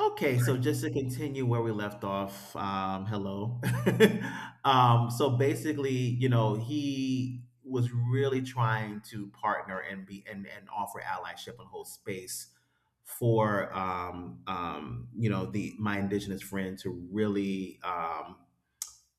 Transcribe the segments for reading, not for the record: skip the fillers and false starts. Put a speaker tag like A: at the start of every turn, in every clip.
A: Okay, so just to continue where we left off, hello. So basically, you know, he was really trying to partner and be and offer allyship and hold space for you know the my indigenous friend to really um,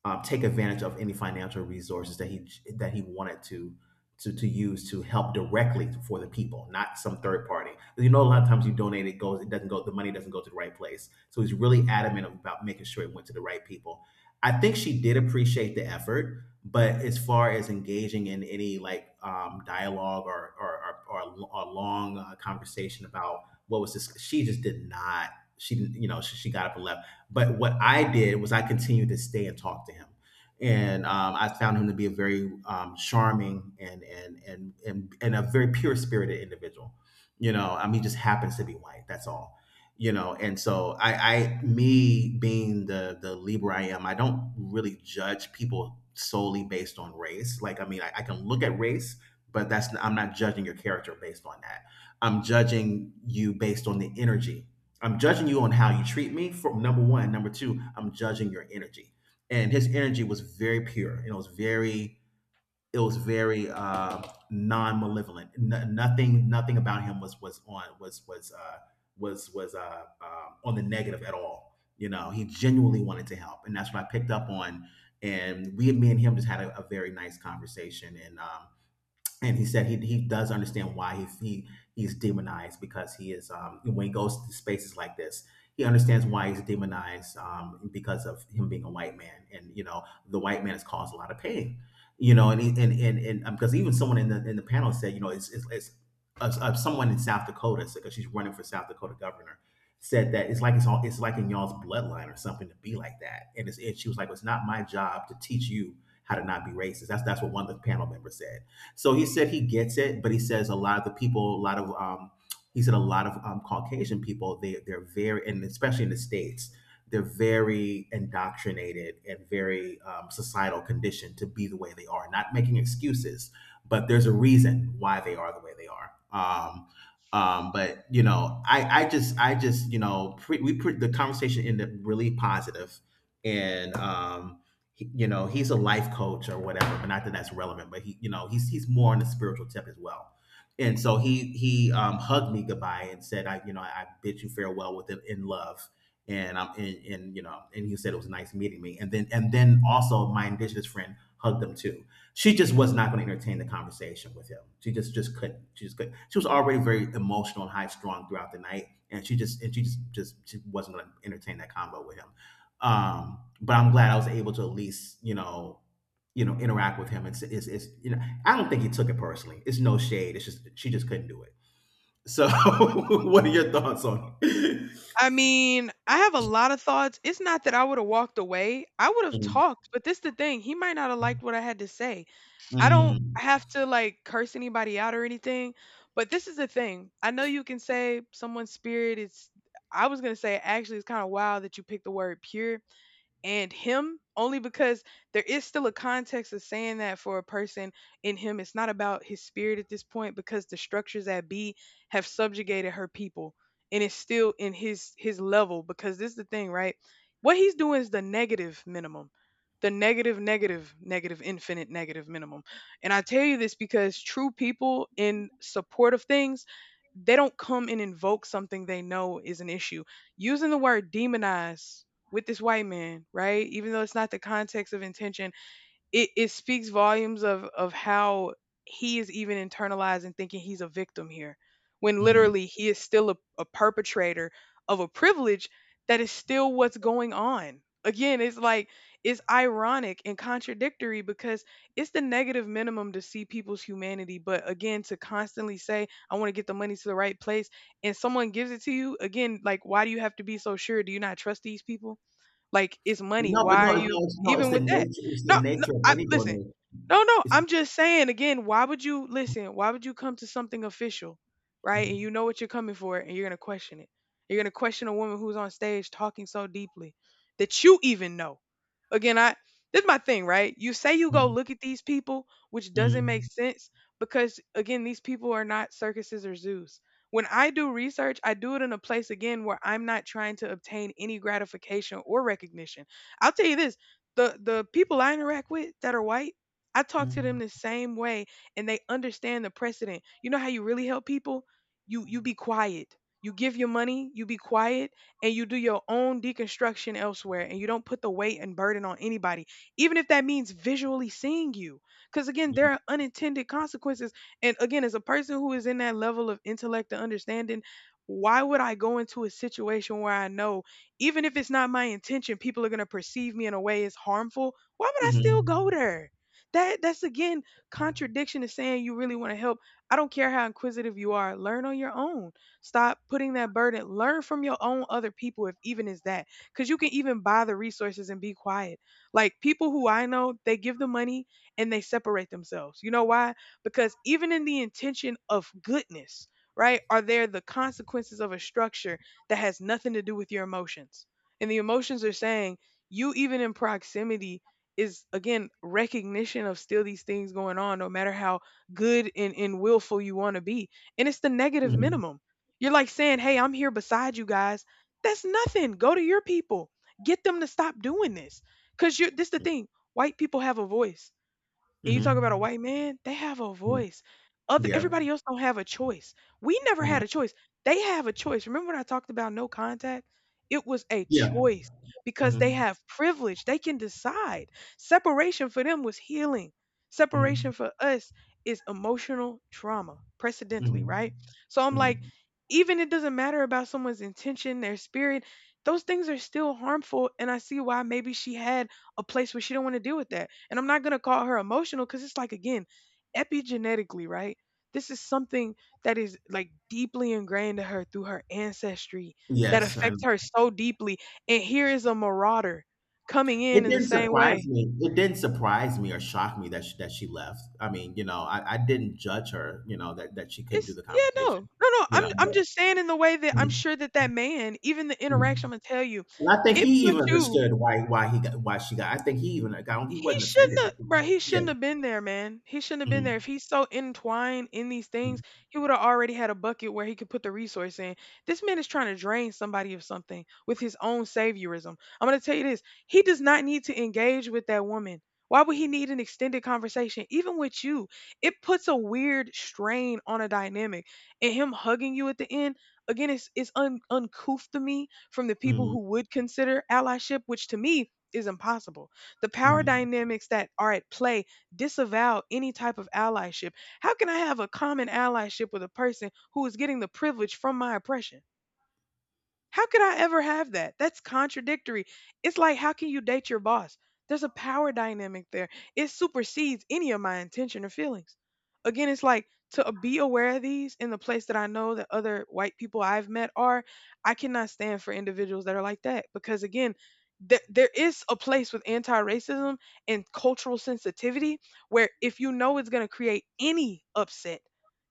A: uh, take advantage of any financial resources that he wanted to to use to help directly for the people, not some third party. Because you know, a lot of times you donate, it doesn't go, the money doesn't go to the right place. So he's really adamant about making sure it went to the right people. I think she did appreciate the effort, but as far as engaging in any like dialogue or a long conversation about what was this, she just did not. She didn't, you know, she got up and left, but what I did was I continued to stay and talk to him. And I found him to be a very charming and a very pure spirited individual. You know, I mean, he just happens to be white. That's all. You know, and so me being the Libra I am, I don't really judge people solely based on race. Like, I mean, I can look at race, but that's, I'm not judging your character based on that. I'm judging you based on the energy. I'm judging you on how you treat me from number one. Number two, I'm judging your energy. And his energy was very pure. It was very non-malevolent. Nothing, nothing about him was on was was on the negative at all. You know, he genuinely wanted to help, and that's what I picked up on. And me and him just had a very nice conversation, and he said he does understand why he's demonized, because he is, when he goes to spaces like this he understands why he's demonized, because of him being a white man, and you know the white man has caused a lot of pain. You know, and he, and because even someone in the panel said, you know, it's someone in South Dakota, because she's running for South Dakota governor, said that it's like it's all, it's like in y'all's bloodline or something to be like that, and it's, and she was like, it's not my job to teach you how to not be racist. That's what one of the panel members said. So he said he gets it, but he says a lot of the people, a lot of Caucasian people, they they're very, and especially in the states, they're very indoctrinated and very societal conditioned to be the way they are. Not making excuses, but there's a reason why they are the way they are. But you know, I just you know, the conversation ended up really positive, and you know, he's a life coach or whatever, but not that that's relevant, but he you know, he's more on the spiritual tip as well. And so he hugged me goodbye and said, I, you know, I bid you farewell with it in love. And I'm, and you know, and he said it was nice meeting me. And then, also, my indigenous friend hugged him too. She just was not going to entertain the conversation with him. She just couldn't. She was already very emotional and high strung throughout the night, and she just she wasn't going to entertain that combo with him. But I'm glad I was able to at least, interact with him. You know, I don't think he took it personally. It's no shade. It's just she just couldn't do it. So, what are your thoughts on it?
B: I mean, I have a lot of thoughts. It's not that I woulda walked away. I would've
A: Mm,
B: talked, but this the thing, he might not have liked what I had to say. I don't
A: mm,
B: have to, like, curse anybody out or anything, but this is the thing. I know you can say someone's spirit is— I was gonna say, actually, it's kinda wild that you picked the word pure, and him only because there is still a context of saying that for a person. In him, it's not about his spirit at this point because the structures at b have subjugated her people, and it's still in his level. Because this is the thing, right? What he's doing is the negative minimum. The negative, negative, negative, infinite, negative minimum. And I tell you this because true people in support of things, they don't come and invoke something they know is an issue using the word demonize with this white man, right? Even though it's not the context of intention, it speaks volumes of how he is even internalizing, thinking he's a victim here, when
A: mm.
B: literally he is still a perpetrator of a privilege. That is still what's going on. Again, it's like, it's ironic and contradictory because it's the negative minimum to see people's humanity. But again, to constantly say, I want to get the money to the right place, and someone gives it to you, again, like, why do you have to be so sure? Do you not trust these people? Like, it's money.
A: No, but
B: Why
A: no,
B: are
A: it's,
B: you
A: no, it's no, it's
B: even
A: the
B: with that?
A: nature. It's the
B: No, no.
A: nature of
B: I
A: any
B: listen.
A: donation.
B: No, no.
A: It's
B: I'm just saying again. Why would you listen? Why would you come to something official, right? And you
A: mm,
B: know what you're coming for, and you're gonna question it. You're gonna question a woman who's on stage talking so deeply that you even know. Again, I— this is my thing, right? You say you go
A: mm,
B: look at these people, which doesn't make
A: mm,
B: sense because, again, these people are not circuses or zoos. When I do research, I do it in a place, again, where I'm not trying to obtain any gratification or recognition. I'll tell you this, the people I interact with that are white, I talk to them
A: mm,
B: the same way, and they understand the precedent. You know how you really help people? You be quiet. You give your money, you be quiet, and you do your own deconstruction elsewhere, and you don't put the weight and burden on anybody, even if that means visually seeing you. Because, again,
A: mm,
B: there are unintended consequences, and again, as a person who is in that level of intellect and understanding, why would I go into a situation where I know, even if it's not my intention, people are going to perceive me in a way as harmful? Why would I still go
A: mhm,
B: there? That's again contradiction to saying you really want to help. I don't care how inquisitive you are. Learn on your own. Stop putting that burden. Learn from your own other people, if even is that, because you can even buy the resources and be quiet. Like, people who I know, they give the money and they separate themselves. You know why? Because even in the intention of goodness, right, are there the consequences of a structure that has nothing to do with your emotions. And the emotions are saying you, even in proximity, is again recognition of still these things going on, no matter how good and willful you want to be. And it's the negative
A: mm,
B: minimum. You're like saying, "Hey, I'm here beside you guys." That's nothing. Go to your people. Get them to stop doing this. Cause you're— this the thing. White people have a voice, and you talk about a
A: mhm,
B: white man, they have a
A: mm,
B: voice. Other
A: yeah,
B: everybody else don't have a choice. We never had a
A: mm,
B: choice. They have a choice. Remember when I talked about no contact? It was a
A: yeah,
B: choice because they
A: mhm,
B: have privilege. They can decide. Separation for them was healing.
A: mm,
B: Separation for us is emotional trauma, precedently,
A: mhm,
B: right? So I'm like,
A: mhm.
B: even it doesn't matter about someone's intention, their spirit, those things are still harmful. And I see why maybe she had a place where she don't want to deal with that. And I'm not going to call her emotional because it's like, again, epigenetically, right? This is something that is like deeply ingrained to her through her ancestry that
A: Yes, I know.
B: affects her so deeply. And here is a marauder coming in
A: It
B: in the
A: didn't
B: same
A: surprise
B: way.
A: me. Or shock me that that she left. I mean, you know, I didn't judge her. You know, that she couldn't do
B: It's—
A: the
B: yeah, no,
A: conversation.
B: no, no.
A: You
B: I'm
A: know,
B: I'm
A: but,
B: just saying in the way that I'm
A: mm,
B: sure that that man, even the interaction,
A: mm.
B: I'm gonna tell you,
A: And I think
B: it
A: he
B: put
A: even
B: you—
A: understood why he got why she got. I think he even got. He
B: he
A: wasn't
B: shouldn't
A: offended.
B: have,
A: I think-
B: bro. He
A: Yeah.
B: shouldn't have been there, man. He shouldn't have been there.
A: Mm,
B: If he's so entwined in these things,
A: mm,
B: he would have already had a bucket where he could put the resource in. This man is trying to drain somebody of something with his own saviorism. I'm gonna tell you this. He does not need to engage with that woman. Why would he need an extended conversation, even with you? It puts a weird strain on a dynamic. And him hugging you at the end, again, it's uncouth to me from the people who
A: mm,
B: would consider allyship, which to me is impossible. The power
A: mm,
B: dynamics that are at play disavow any type of allyship. How can I have a common allyship with a person who is getting the privilege from my oppression? How could I ever have that? That's contradictory. It's like, how can you date your boss? There's a power dynamic there. It supersedes any of my intention or feelings. Again, it's like, to be aware of these in the place that I know that other white people I've met are. I cannot stand for individuals that are like that because, again, there is a place with anti racism and cultural sensitivity where if you know it's going to create any upset,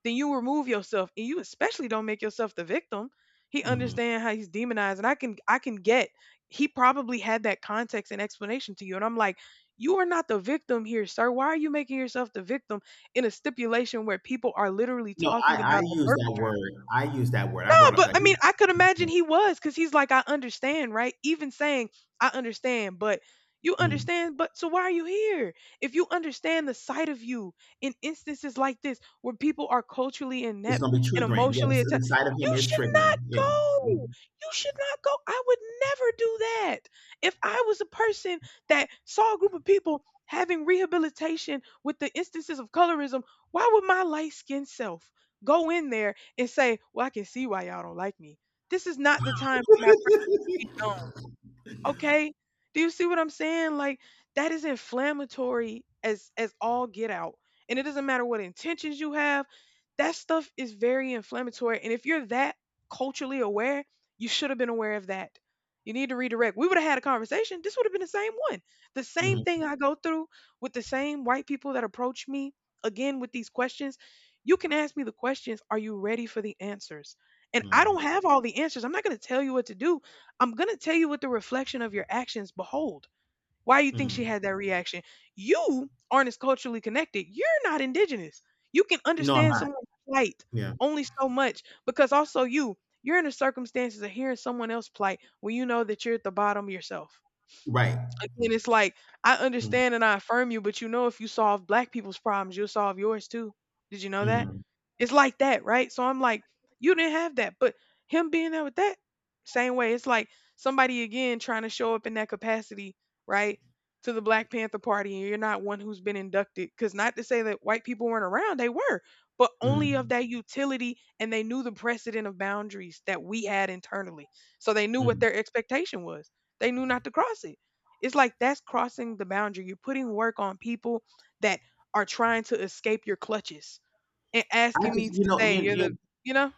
B: then you remove yourself, and you especially don't make yourself the victim. He
A: mm.
B: understands how he's demonized, and I can get— he probably had that context and explanation to you. And I'm like, you are not the victim here, sir. Why are you making yourself the victim in a stipulation where people are literally
A: No,
B: talking
A: I
B: about the
A: use that
B: perpetrator?
A: word. I use that word. I
B: No,
A: brought up
B: but
A: that.
B: I mean, I could imagine he was because he's like, I understand, right? Even saying, I understand, but— you
A: Mm.
B: understand, but so why are you here? If you understand the side of you in instances like this where people are culturally
A: It's
B: inept
A: going to be
B: and
A: triggering. Yeah,
B: emotionally attached,
A: the sight of
B: you
A: him is
B: should
A: triggering.
B: not
A: Yeah.
B: go.
A: Mm,
B: You should not go. I would never do that. If I was a person that saw a group of people having rehabilitation with the instances of colorism, why would my light skinned self? Go in there and say, "Well, I can see why y'all don't like me." This is not the time for my presence to be known. Okay? Do you see what I'm saying? Like, that is inflammatory as all get out. And it doesn't matter what intentions you have. That stuff is very inflammatory. And if you're that culturally aware, you should have been aware of that. You need to redirect. We would have had a conversation. This would have been the same one. The same
A: mm,
B: thing I go through with the same white people that approach me, again, with these questions. You can ask me the questions. Are you ready for the answers? And I
A: mm,
B: don't have all the answers. I'm not going to tell you what to do. I'm going to tell you what the reflection of your actions behold. Why you think she
A: mm.
B: had that reaction? You aren't as culturally connected. You're not indigenous. You can
A: No, I'm
B: understand
A: not.
B: someone's plight
A: Yeah.
B: only so much because also you, you're in the circumstances of hearing someone else's plight when you know that you're at the bottom yourself.
A: Right.
B: Again,
A: Mm,
B: it's like, I
A: mm,
B: understand and I affirm you, but you know if you solve black people's problems, you'll solve yours too. Did you know that?
A: mm,
B: It's like that, right? So I'm like, you didn't have that, but him being there with that same way, it's like somebody again trying to show up in that capacity, right? To the Black Panther Party, and you're not one who's been inducted. Because not to say that white people weren't around, they were, but only of
A: mm,
B: that utility, and they knew the precedent of boundaries that we had internally. So they knew what
A: mm.
B: their expectation was. They knew not to cross it. It's like that's crossing the boundary. You're putting work on people that are trying to escape your clutches and asking me to
A: You know,
B: say you're the, you know,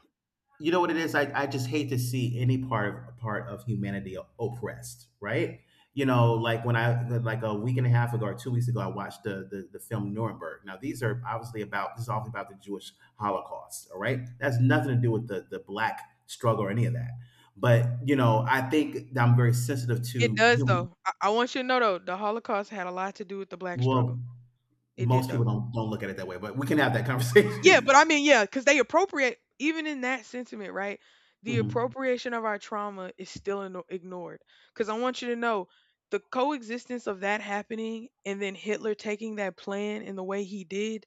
A: you know what it is. I just hate to see any part of humanity oppressed, right? You know, when I, like, a week and a half ago or 2 weeks ago, I watched the film Nuremberg. Now, these are obviously about this is obviously about the Jewish Holocaust. All right, that's nothing to do with the black struggle or any of that. But you know, I think that I'm very sensitive
B: it
A: to
B: does
A: human.
B: though. I want you to know though, the Holocaust had a lot to do with the black
A: Well,
B: struggle. It did
A: most people
B: though.
A: don't look at it that way, but we can have that
B: Yeah,
A: conversation.
B: but I mean, yeah, because they appropriate even in that sentiment, right? The appropriation of our trauma is still ignored. Because I want you to know the coexistence of that happening and then Hitler taking that plan in the way he did,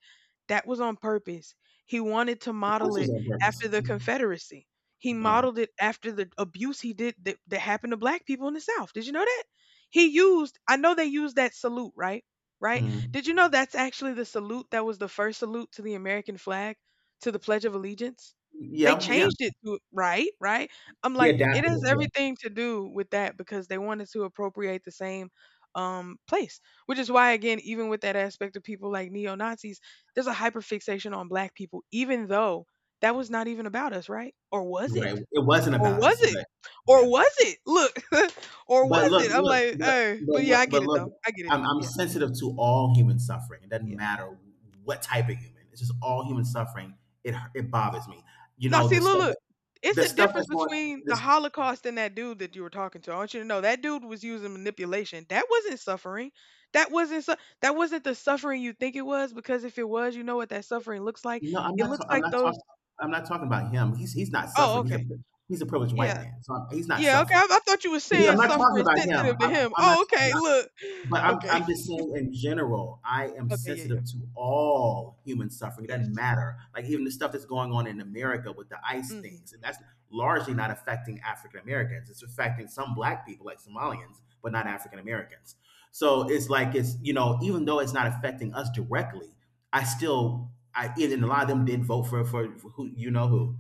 B: that was on purpose. He wanted to
A: Of
B: model
A: course, it was
B: it
A: on purpose.
B: after the Confederacy. He
A: Oh,
B: modeled it after the abuse he did that happened to black people in the South. Did you know that? I know they used that salute, right? Right?
A: mhm.
B: Did you know that's actually the salute that was the first salute to the American flag, to the Pledge of Allegiance? They
A: Yeah, yeah,
B: changed it to right, right? I'm
A: they
B: like, it
A: adapted
B: has
A: it. Yeah,
B: everything to do with that because they wanted to appropriate the same place. Which is why again, even with that aspect of people like neo-Nazis, there's a hyperfixation on black people, even though that was not even about us, right? Or was
A: you're right.
B: it?
A: It wasn't
B: Or
A: about
B: was
A: us,
B: it?
A: but yeah.
B: Or was it? Look, or
A: But
B: was
A: look,
B: it? I'm
A: look,
B: like, hey,
A: but
B: but yeah,
A: look,
B: I get
A: but
B: it
A: look.
B: though. I get it.
A: I'm
B: Yeah,
A: sensitive to all human suffering. It doesn't
B: yeah.
A: matter what type of human. It's just all human suffering. It bothers me. You
B: Now,
A: know,
B: see,
A: the
B: look,
A: stuff
B: look.
A: that,
B: It's
A: the
B: a
A: stuff
B: difference
A: that's going.
B: between the
A: This,
B: Holocaust and that dude that you were talking to. I want you to know that dude was using manipulation. That wasn't suffering. That wasn't the suffering you think it was. Because if it was, you know what that suffering looks like.
A: no, I'm
B: It
A: not.
B: looks
A: I'm
B: like
A: not
B: those.
A: talking. I'm not talking about him. He's not
B: Oh,
A: suffering.
B: okay.
A: He's a privileged white
B: Yeah.
A: man, so he's not
B: Yeah. Okay.
A: suffering.
B: I thought you were
A: Yeah, I'm
B: saying
A: not talking
B: suffering
A: about him.
B: sensitive to him.
A: I'm
B: Oh, okay.
A: not.
B: Look.
A: But
B: Okay.
A: I'm just saying in general, I am
B: Okay. Yeah. Yeah.
A: sensitive to all human suffering. It doesn't
B: Yes.
A: matter. Like even the stuff that's going on in America with the ICE
B: Hmm.
A: things, and that's largely not affecting African Americans. It's affecting some black people like Somalians, but not African Americans. So it's like you know, even though it's not affecting us directly, I still I and a lot of them did vote for who you know who.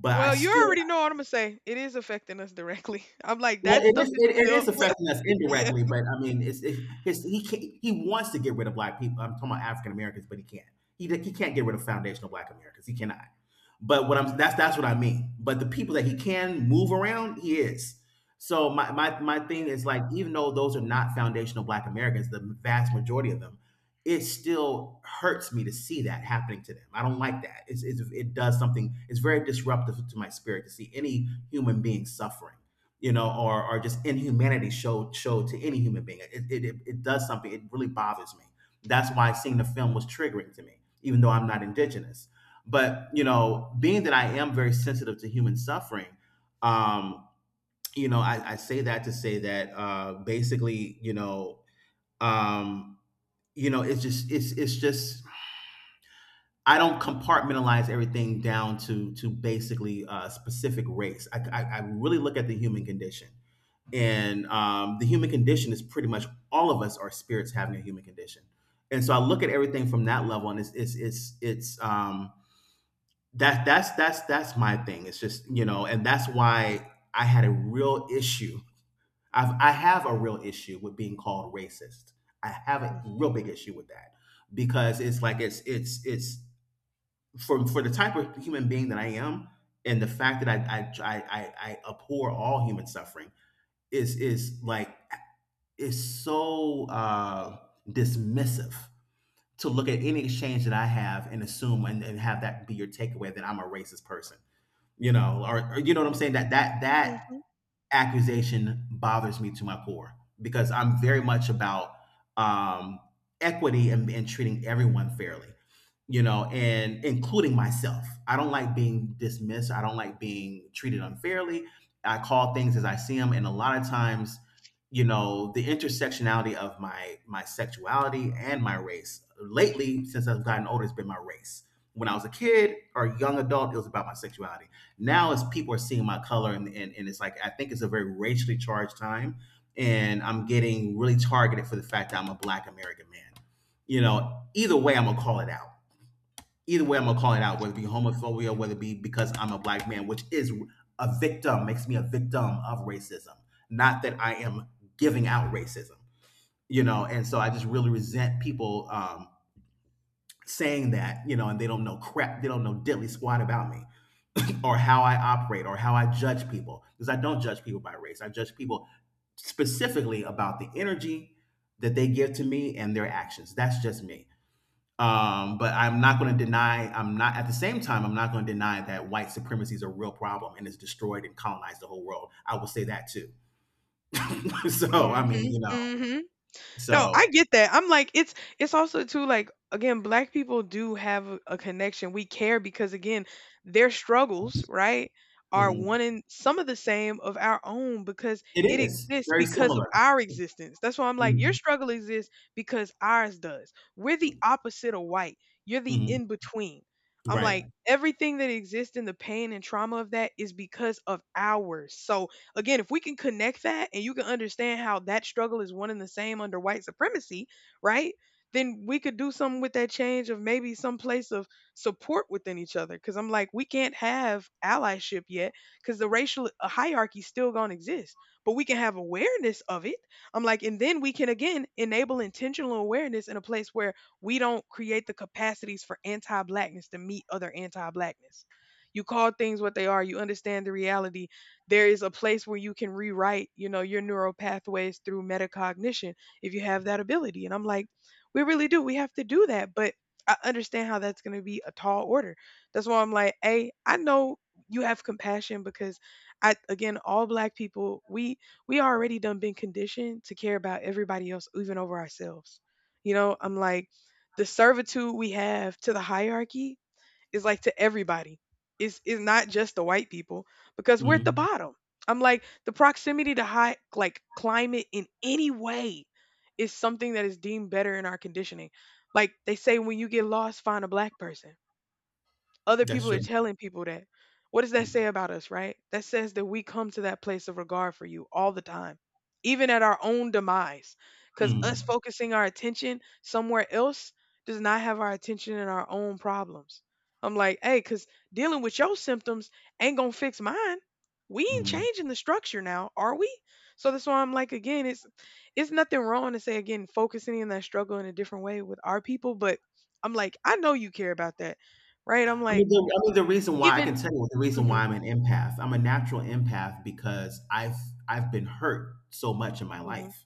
A: But I
B: Well, you
A: still,
B: already know what I'm gonna say. It is affecting us directly. I'm like
A: well,
B: that stuff is
A: it it
B: still.
A: is affecting us
B: Yeah.
A: indirectly, but I mean, he can, he wants to get rid of black people. I'm talking about African Americans, but he can't. He can't get rid of foundational black Americans. He cannot. But what I'm that's what I mean. But the people that he can move around, he is. So my thing
B: Yeah.
A: is like, even though those are not foundational black Americans, the vast majority of them, it still hurts me to see that happening to them. I don't like that. It does something. It's very disruptive to my spirit to see any human being suffering, you know, or just inhumanity showed to any human being. It does something. It really bothers me. That's why seeing the film was triggering to me, even though I'm not indigenous. But you know, being that I am very sensitive to human suffering, um, you know, I say that to say that basically, um, you know, it's just I don't compartmentalize everything down to basically a specific race. I really look at the human condition, and the human condition is pretty much, all of us are spirits having a human condition. And so I look at everything from that level, and it's that that's my thing. It's just, you know, and that's why I had a real issue. I have a real issue with being called racist. I have a
B: Mhm.
A: real big issue with that, because it's like it's for the type of human being that I am, and the fact that I abhor all human suffering is like, it's so dismissive to look at any exchange that I have and assume, and have that be your takeaway that I'm a racist person. You know, or, you know what I'm saying? That
B: Mhm.
A: accusation bothers me to my core, because I'm very much about um, equity and treating everyone fairly, you know, and including myself. I don't like being dismissed. I don't like being treated unfairly. I call things as I see them, and a lot of times, the intersectionality of my sexuality and my race. Lately, since I've gotten older, it's been my race. When I was a kid or a young adult, it was about my sexuality now as people are seeing my color and it's like I think it's a very racially charged time and I'm getting really targeted for the fact that I'm a black American man. You know, either way I'm gonna call it out. Either way I'm gonna call it out, whether it be homophobia, whether it be because I'm a black man, which is a victim, makes me a victim of racism. Not that I am giving out racism,
B: Mm,
A: and so I just really
B: mm.
A: resent people saying that, and they don't know crap, they don't know diddly squat about me or how I operate or how I judge people because I don't judge people by race. I judge people specifically about the energy that they give to me and their actions. That's just me. But I'm not going to deny, I'm not, at the same time, I'm not going to deny that white supremacy is a real problem and it's destroyed and colonized the whole world. I will say that too. so, I mean,
B: Mhm,
A: you know,
B: mhm. No, I
A: so
B: get that. I'm like, it's also too like again, black people do have a connection. We care because again, their struggles, right, are
A: mhm.
B: one in some of the same of our own because
A: It
B: it
A: is
B: exists
A: very
B: because of
A: similar.
B: our existence. That's why I'm like, your
A: Mhm.
B: struggle exists because ours does. We're the opposite of white. You're the
A: Mhm.
B: in between. I'm
A: Right.
B: like, everything that exists in the pain and trauma of that is because of ours. So again, if we can connect that and you can understand how that struggle is one and the same under white supremacy, right? Then we could do something with that change of maybe some place of support within each other. Cause I'm like, we can't have allyship yet because the racial hierarchy still gonna exist, but we can have awareness of it. I'm like, and then we can again enable intentional awareness in a place where we don't create the capacities for anti blackness to meet other anti blackness. You call things what they are, you understand the reality, there is a place where you can rewrite, you know, your neural pathways through metacognition if you have that ability. And I'm like, we really do. We have to do that. But I understand how that's going to be a tall order. That's why I'm like, hey, I know you have compassion because I again, all black people, we already done been conditioned to care about everybody else, even over ourselves. You know, I'm like the servitude we have to the hierarchy is like to everybody. It's not just the white people because we're at the
A: Mhm.
B: bottom. I'm like the proximity to high like climate in any way is something that is deemed better in our conditioning. Like they say when you get lost, find a black person. Other
A: That's
B: people are
A: true.
B: telling people that. What does that say about us, right? That says that we come to that place of regard for you all the time, even at our own demise. Because us
A: Mhm.
B: focusing our attention somewhere else does not have our attention in our own problems. I'm like, hey, because dealing with your symptoms ain't going to fix mine. We ain't
A: Mhm.
B: changing the structure now, are we? So that's why I'm like, again, it's nothing wrong to say again focusing in that struggle in a different way with our people, but I'm like, I know you care about that, right? I'm like,
A: The reason why I
B: even
A: can tell you the reason why
B: mhm,
A: I'm an empath. I'm a natural empath because I've been hurt so much in my
B: mhm,
A: life.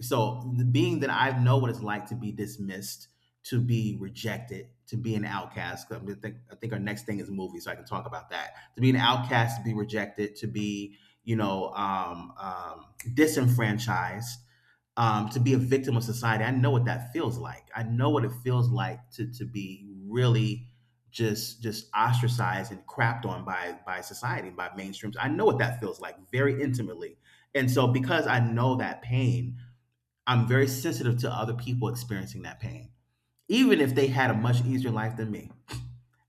A: So, being that I know what it's like to be dismissed, to be rejected, to be an outcast. 'Cause I think our next thing is movies, so I can talk about that. To be an outcast, to be rejected, to be you know um, um, disenfranchised, to be a victim of society. I know what that feels like. I know what it feels like to be really just ostracized and crapped on by society by mainstreams. I know what that feels like very intimately. And so because I know that pain, I'm very sensitive to other people experiencing that pain, even if they had a much easier life than me.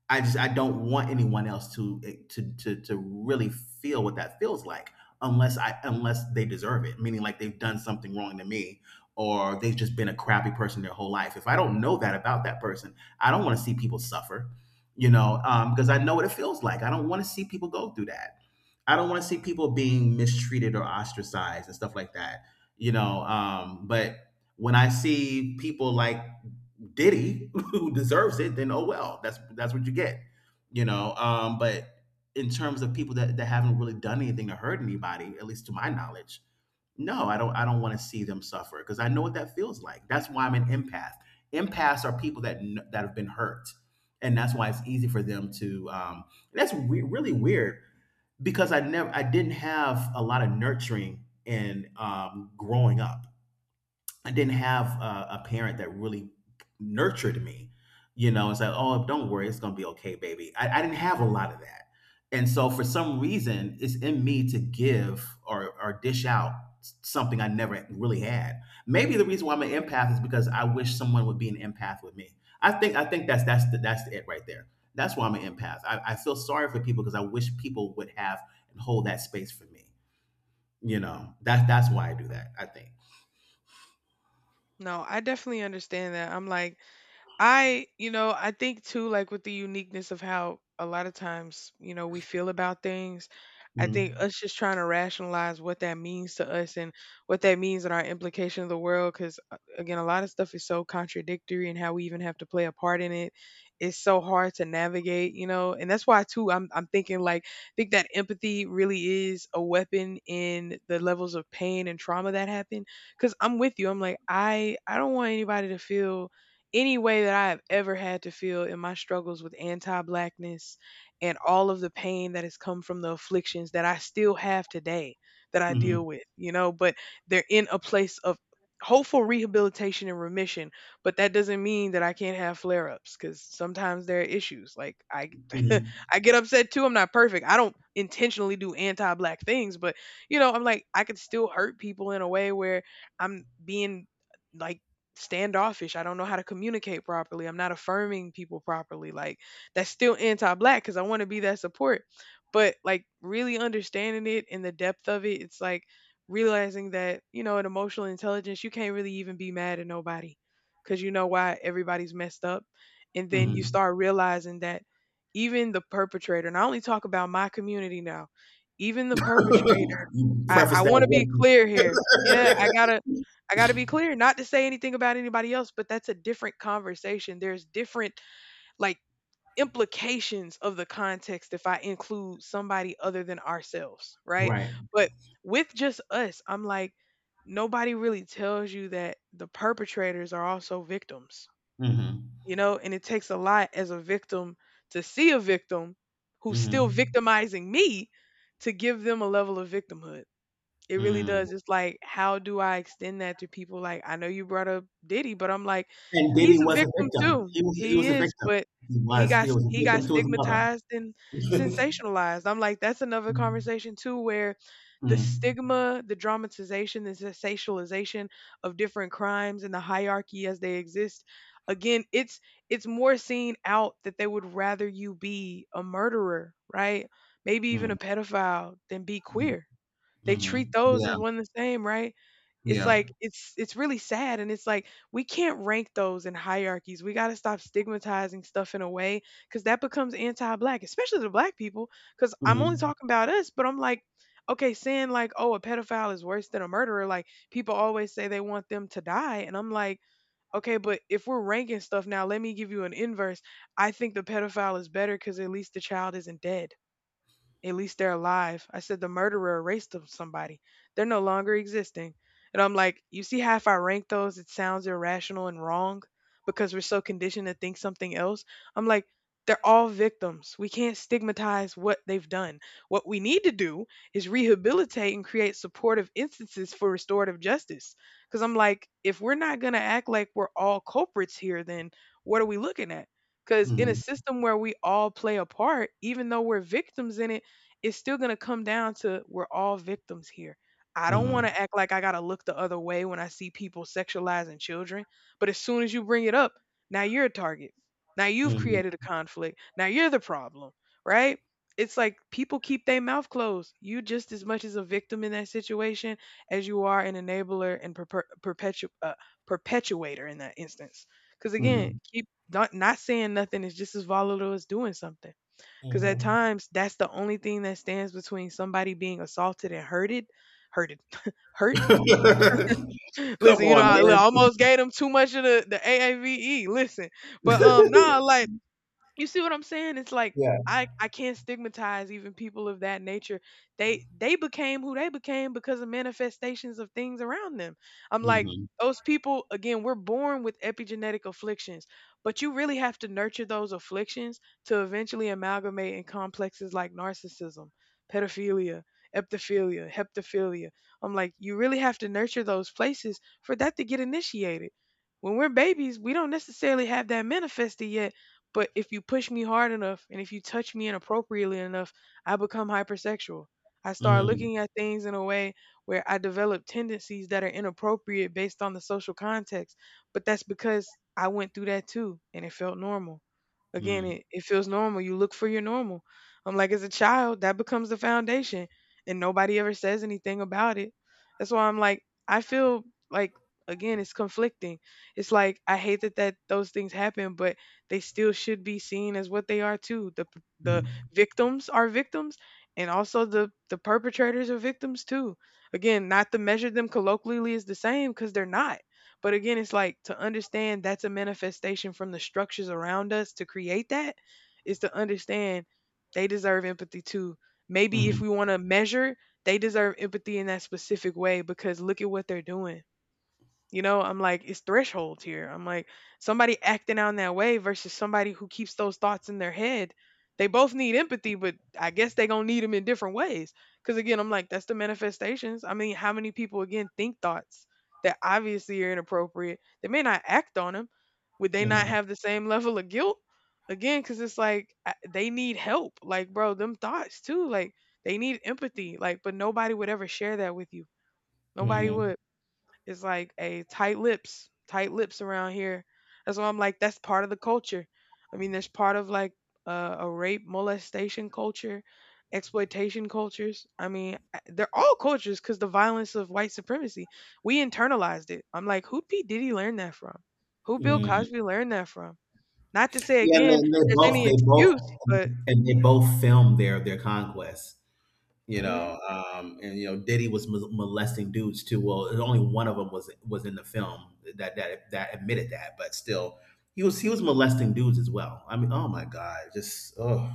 A: I don't want anyone else to eh, to really feel what that feels like unless they deserve it, meaning like they've done something wrong to me or they've just been a crappy person their whole life. If I don't know that about that person, I don't want to see people suffer, because I know what it feels like. I don't want to see people go through that. I don't want to see people being mistreated or ostracized and stuff like that, you know. But when I see people like Diddy, who deserves it, then oh well, that's what you get, you know. But in terms of people that haven't really done anything to hurt anybody, at least to my knowledge, no, I don't. I don't want to see them suffer because I know what that feels like. That's why I'm an empath. Empaths are people that have been hurt, and that's why it's easy for them to. And really weird because I didn't have a lot of nurturing and growing up. I didn't have a parent that really nurtured me, you know, and said, "Oh, don't worry, it's gonna be okay, baby." I didn't have a lot of that, and so for some reason, it's in me to give or dish out something I never really had. Maybe the reason why I'm an empath is because I wish someone would be an empath with me. I think that's that's it right there. That's why I'm an empath. I feel sorry for people because I wish people would have and hold that space for me. You know, that's why I do
B: mhm.
A: that. I think.
B: No, I definitely understand that. I'm like, I, you know, I think too, like with the uniqueness of how a lot of times, you know, we feel about things, I think
A: Mm-hmm.
B: us just trying to rationalize what that means to us and what that means in our implication of the world. Cause again, a lot of stuff is so contradictory and how we even have to play a part in it. It's so hard to navigate, you know, and that's why too, I'm thinking like, I think that empathy really is a weapon in the levels of pain and trauma that happen. Cause I'm with you. I'm like, I don't want anybody to feel any way that I have ever had to feel in my struggles with anti blackness and all of the pain that has come from the afflictions that I still have today that I deal with, you know, but they're in a place of hopeful rehabilitation and remission, but that doesn't mean that I can't have flare-ups because sometimes there are issues like I
A: Mhm.
B: I get upset too. I'm not perfect. I don't intentionally do anti-black things, but you know I'm like I could still hurt people in a way where I'm being like standoffish. I don't know how to communicate properly. I'm not affirming people properly. Like that's still anti-black because I want to be that support. But like really understanding it and the depth of it, it's like realizing that you know, in emotional intelligence, you can't really even be mad at nobody because you know why everybody's messed up. And then you
A: Mhm.
B: start realizing that even the perpetrator, and I only talk about my community now, even the perpetrator.
A: You
B: I
A: preface that
B: wanna be clear
A: well.
B: here. Yeah, I gotta be clear, not to say anything about anybody else, but that's a different conversation. There's different like implications of the context if I include somebody other than ourselves, right?
A: Right.
B: But with just us, I'm like, nobody really tells you that the perpetrators are also victims,
A: Mhm.
B: you know? And it takes a lot as a victim to see a victim who's still
A: Mhm.
B: victimizing me to give them a level of victimhood. It really
A: Mm.
B: does. It's like, how do I extend that to people? Like, I know you brought up Diddy, but I'm like,
A: And
B: he's
A: Diddy
B: a
A: was a
B: victim
A: victim.
B: too.
A: He
B: He
A: was a
B: is,
A: victim.
B: but
A: He was. He was a
B: he got
A: victim to his
B: stigmatized and
A: mother.
B: sensationalized. I'm like, that's another conversation too, where the
A: Mm.
B: stigma, the dramatization, the sensationalization of different crimes and the hierarchy as they exist. Again, it's more seen out that they would rather you be a murderer, right? Maybe even a
A: Mm.
B: pedophile than be
A: Mm.
B: queer. They treat
A: Mhm.
B: those as
A: Yeah.
B: one the same, right? It's
A: Yeah.
B: like it's really sad and it's like we can't rank those in hierarchies. We got to stop stigmatizing stuff in a way cuz that becomes anti-black, especially to black people cuz I'm only
A: Mhm.
B: talking about us, but I'm like okay, saying like oh, a pedophile is worse than a murderer, like people always say they want them to die and I'm like okay, but if we're ranking stuff now, let me give you an inverse. I think the pedophile is better cuz at least the child isn't dead. At least they're alive. I said the murderer erased them somebody. They're no longer existing. And I'm like, you see how if I rank those, it sounds irrational and wrong because we're so conditioned to think something else. I'm like, they're all victims. We can't stigmatize what they've done. What we need to do is rehabilitate and create supportive instances for restorative justice. Because I'm like, if we're not going to act like we're all culprits here, then what are we looking at? Because in a
A: Mhm.
B: system where we all play a part, even though we're victims in it, it's still going to come down to we're all victims here. I don't want
A: Mhm.
B: to act like I got to look the other way when I see people sexualizing children. But as soon as you bring it up, now you're a target. Now you've
A: Mhm.
B: created a conflict. Now you're the problem, right? It's like people keep their mouth closed. You just as much as a victim in that situation as you are an enabler and perpetuator in that instance. Because again,
A: Mhm.
B: keep not, not saying nothing is just as volatile as doing something. Because at
A: Mhm.
B: times, that's the only thing that stands between somebody being assaulted and hurted. Hurted. Hurt.
A: Come
B: Listen, you know,
A: on, man.
B: almost gave them too much of the AAVE. Listen. But nah, like you see what I'm saying? It's like
A: Yeah.
B: I can't stigmatize even people of that nature. They became who they became because of manifestations of things around them. I'm like
A: Mhm.
B: those people again, we're born with epigenetic afflictions, but you really have to nurture those afflictions to eventually amalgamate in complexes like narcissism, pedophilia, epithephilia, heptophilia. I'm like you really have to nurture those places for that to get initiated. When we're babies, we don't necessarily have that manifested yet, but if you push me hard enough and if you touch me inappropriately enough, I become hypersexual. I start
A: Mm.
B: looking at things in a way where I develop tendencies that are inappropriate based on the social context. But that's because I went through that too and it felt normal. Again,
A: Mm.
B: it feels normal. You look for your normal. I'm like, as a child, that becomes the foundation and nobody ever says anything about it. That's why I'm like, I feel like, again, it's conflicting. It's like, I hate that those things happen, but they still should be seen as what they are too. The
A: Mm.
B: victims are victims, and also the perpetrators are victims too. Again, not to measure them colloquially is the same cuz they're not. But again, it's like to understand that's a manifestation from the structures around us to create that is to understand they deserve empathy too. Maybe if
A: Mhm.
B: we want to measure, they deserve empathy in that specific way because look at what they're doing. I'm like, it's thresholds here. I'm like, somebody acting out in that way versus somebody who keeps those thoughts in their head. They both need empathy, but I guess they gonna need them in different ways. Because again, I'm like, that's the manifestations. I mean, how many people again think thoughts that obviously are inappropriate? They may not act on them. Would they not
A: Mhm.
B: have the same level of guilt? Again, because it's like they need help. Like, bro, them thoughts too. Like, they need empathy. Like, but nobody would ever share that with you. Nobody
A: Mhm.
B: would. It's like a tight lips around here. That's why I'm like, that's part of the culture. I mean, there's part of like a rape, molestation culture, exploitation cultures. I mean, they're all cultures because the violence of white supremacy, we internalized it. I'm like, who P. Diddy learn that from? Who Bill
A: Mhm.
B: Cosby learned that from? Not to say
A: Yeah, and
B: again,
A: they, they
B: there's
A: both
B: any
A: they both
B: excuse, but
A: and they both filmed their conquests. You
B: hmm
A: know, and you know, Diddy was molesting dudes too. Well, only one of them was in the film that admitted that, but still, he was molesting dudes as well. I mean, oh my god, just oh,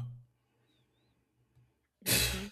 B: hmm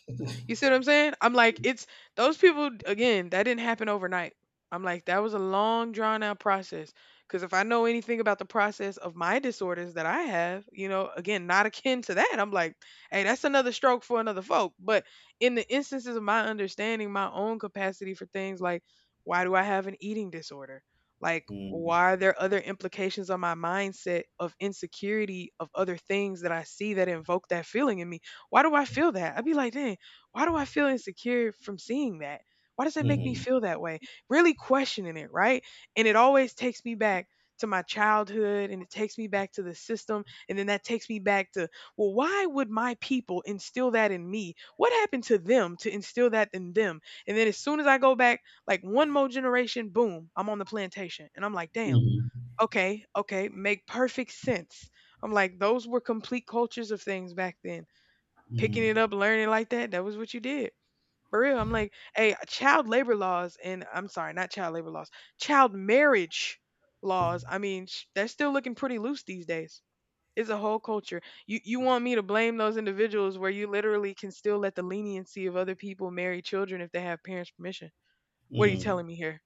B: you see what I'm saying? I'm like, it's those people again, that didn't happen overnight. I'm like, that was a long drawn out process. Because if I know anything about the process of my disorders that I have, you know, again, not akin to that, I'm like, hey, that's another stroke for another folk. But in the instances of my understanding, my own capacity for things like, why do I have an eating disorder? Like,
A: mm,
B: why are there other implications on my mindset of insecurity of other things that I see that invoke that feeling in me? Why do I feel that? I'd be like, dang, why do I feel insecure from seeing that? Why does that make me
A: mm,
B: feel that way? Really questioning it, right? And it always takes me back to my childhood and it takes me back to the system. And then that takes me back to, well, why would my people instill that in me? What happened to them to instill that in them? And then as soon as I go back, like one more generation, boom, I'm on the plantation. And I'm like, damn,
A: mm,
B: okay, okay, make perfect sense. I'm like, those were complete cultures of things back then. Picking
A: mm,
B: it up, learning like that, that was what you did. For real, I'm like, hey, child labor laws, and I'm sorry, not child labor laws, child marriage laws. I mean, they're still looking pretty loose these days. It's a whole culture. You want me to blame those individuals where you literally can still let the leniency of other people marry children if they have parents' permission? What are you
A: mm,
B: telling me here?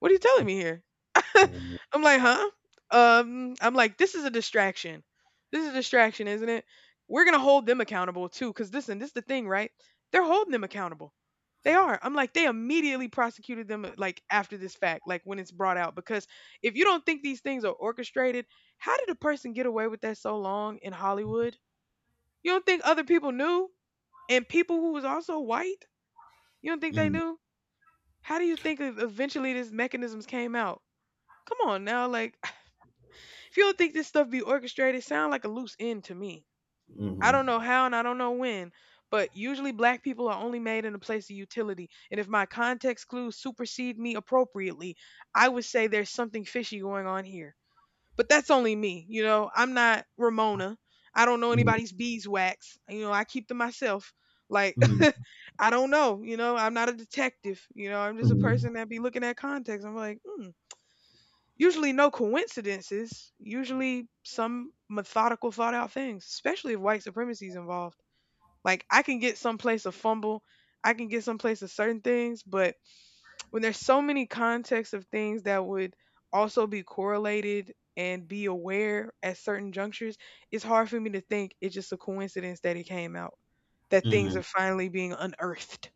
B: What are you telling me here?
A: mm,
B: I'm like, huh? I'm like, this is a distraction. This is a distraction, isn't it? We're gonna hold them accountable too, because listen, this is the thing, right? They're holding them accountable. They are. I'm like, they immediately prosecuted them like after this fact, like when it's brought out. Because if you don't think these things are orchestrated, how did a person get away with that so long in Hollywood? You don't think other people knew? And people who was also white? You don't think they
A: mm,
B: knew? How do you think eventually these mechanisms came out? Come on now, like, if you don't think this stuff be orchestrated, sound like a loose end to me. I don't know
A: mm,
B: how and I don't know when, but usually black people are only made in a place of utility. And if my context clues supersede me appropriately, I would say there's something fishy going on here. But that's only me, you know. I'm not Ramona. I don't know anybody's beeswax. You know, I keep to myself. Like
A: mm, mm,
B: I don't know, you know, I'm not a detective, you know, I'm just a
A: mm,
B: person that be looking at context. I'm like, hmm, usually no coincidences, usually some methodical thought out things, especially if white supremacy is involved. Like I can get someplace a fumble, I can get someplace of certain things, but when there's so many contexts of things that would also be correlated and be aware at certain junctures, it's hard for me to think it's just a coincidence that it came out, that things are
A: mm,
B: finally being unearthed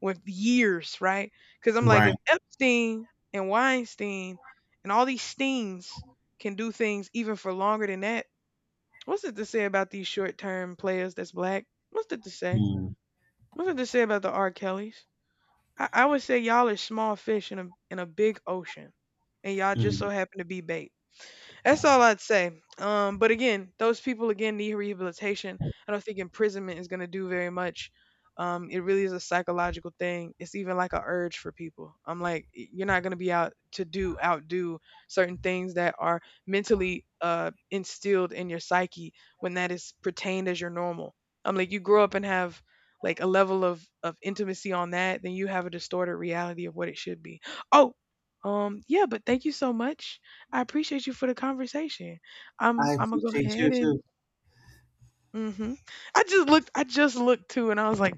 B: with years, right? Because I'm like,
A: right.
B: if Epstein and Weinstein and all these Steens can do things even for longer than that, what's it to say about these short term players that's black? What's it to say?
A: Mm,
B: What's it to say about the R. Kellys? I would say y'all are small fish in a big ocean, and y'all just so
A: mm.
B: happen to be bait. That's all I'd say. But again, those people again need rehabilitation. I don't think imprisonment is going to do very much. It really is a psychological thing. It's even like a urge for people. I'm like, you're not going to be out to do outdo certain things that are mentally instilled in your psyche when that is pertained as your normal. I'm like, you grow up and have like a level of intimacy on that, then you have a distorted reality of what it should be. Oh, yeah. But thank you so much. I appreciate you for the conversation. I'm
A: I
B: I'm gonna go
A: appreciate you
B: ahead and
A: too.
B: mhm. I just looked too and I was like,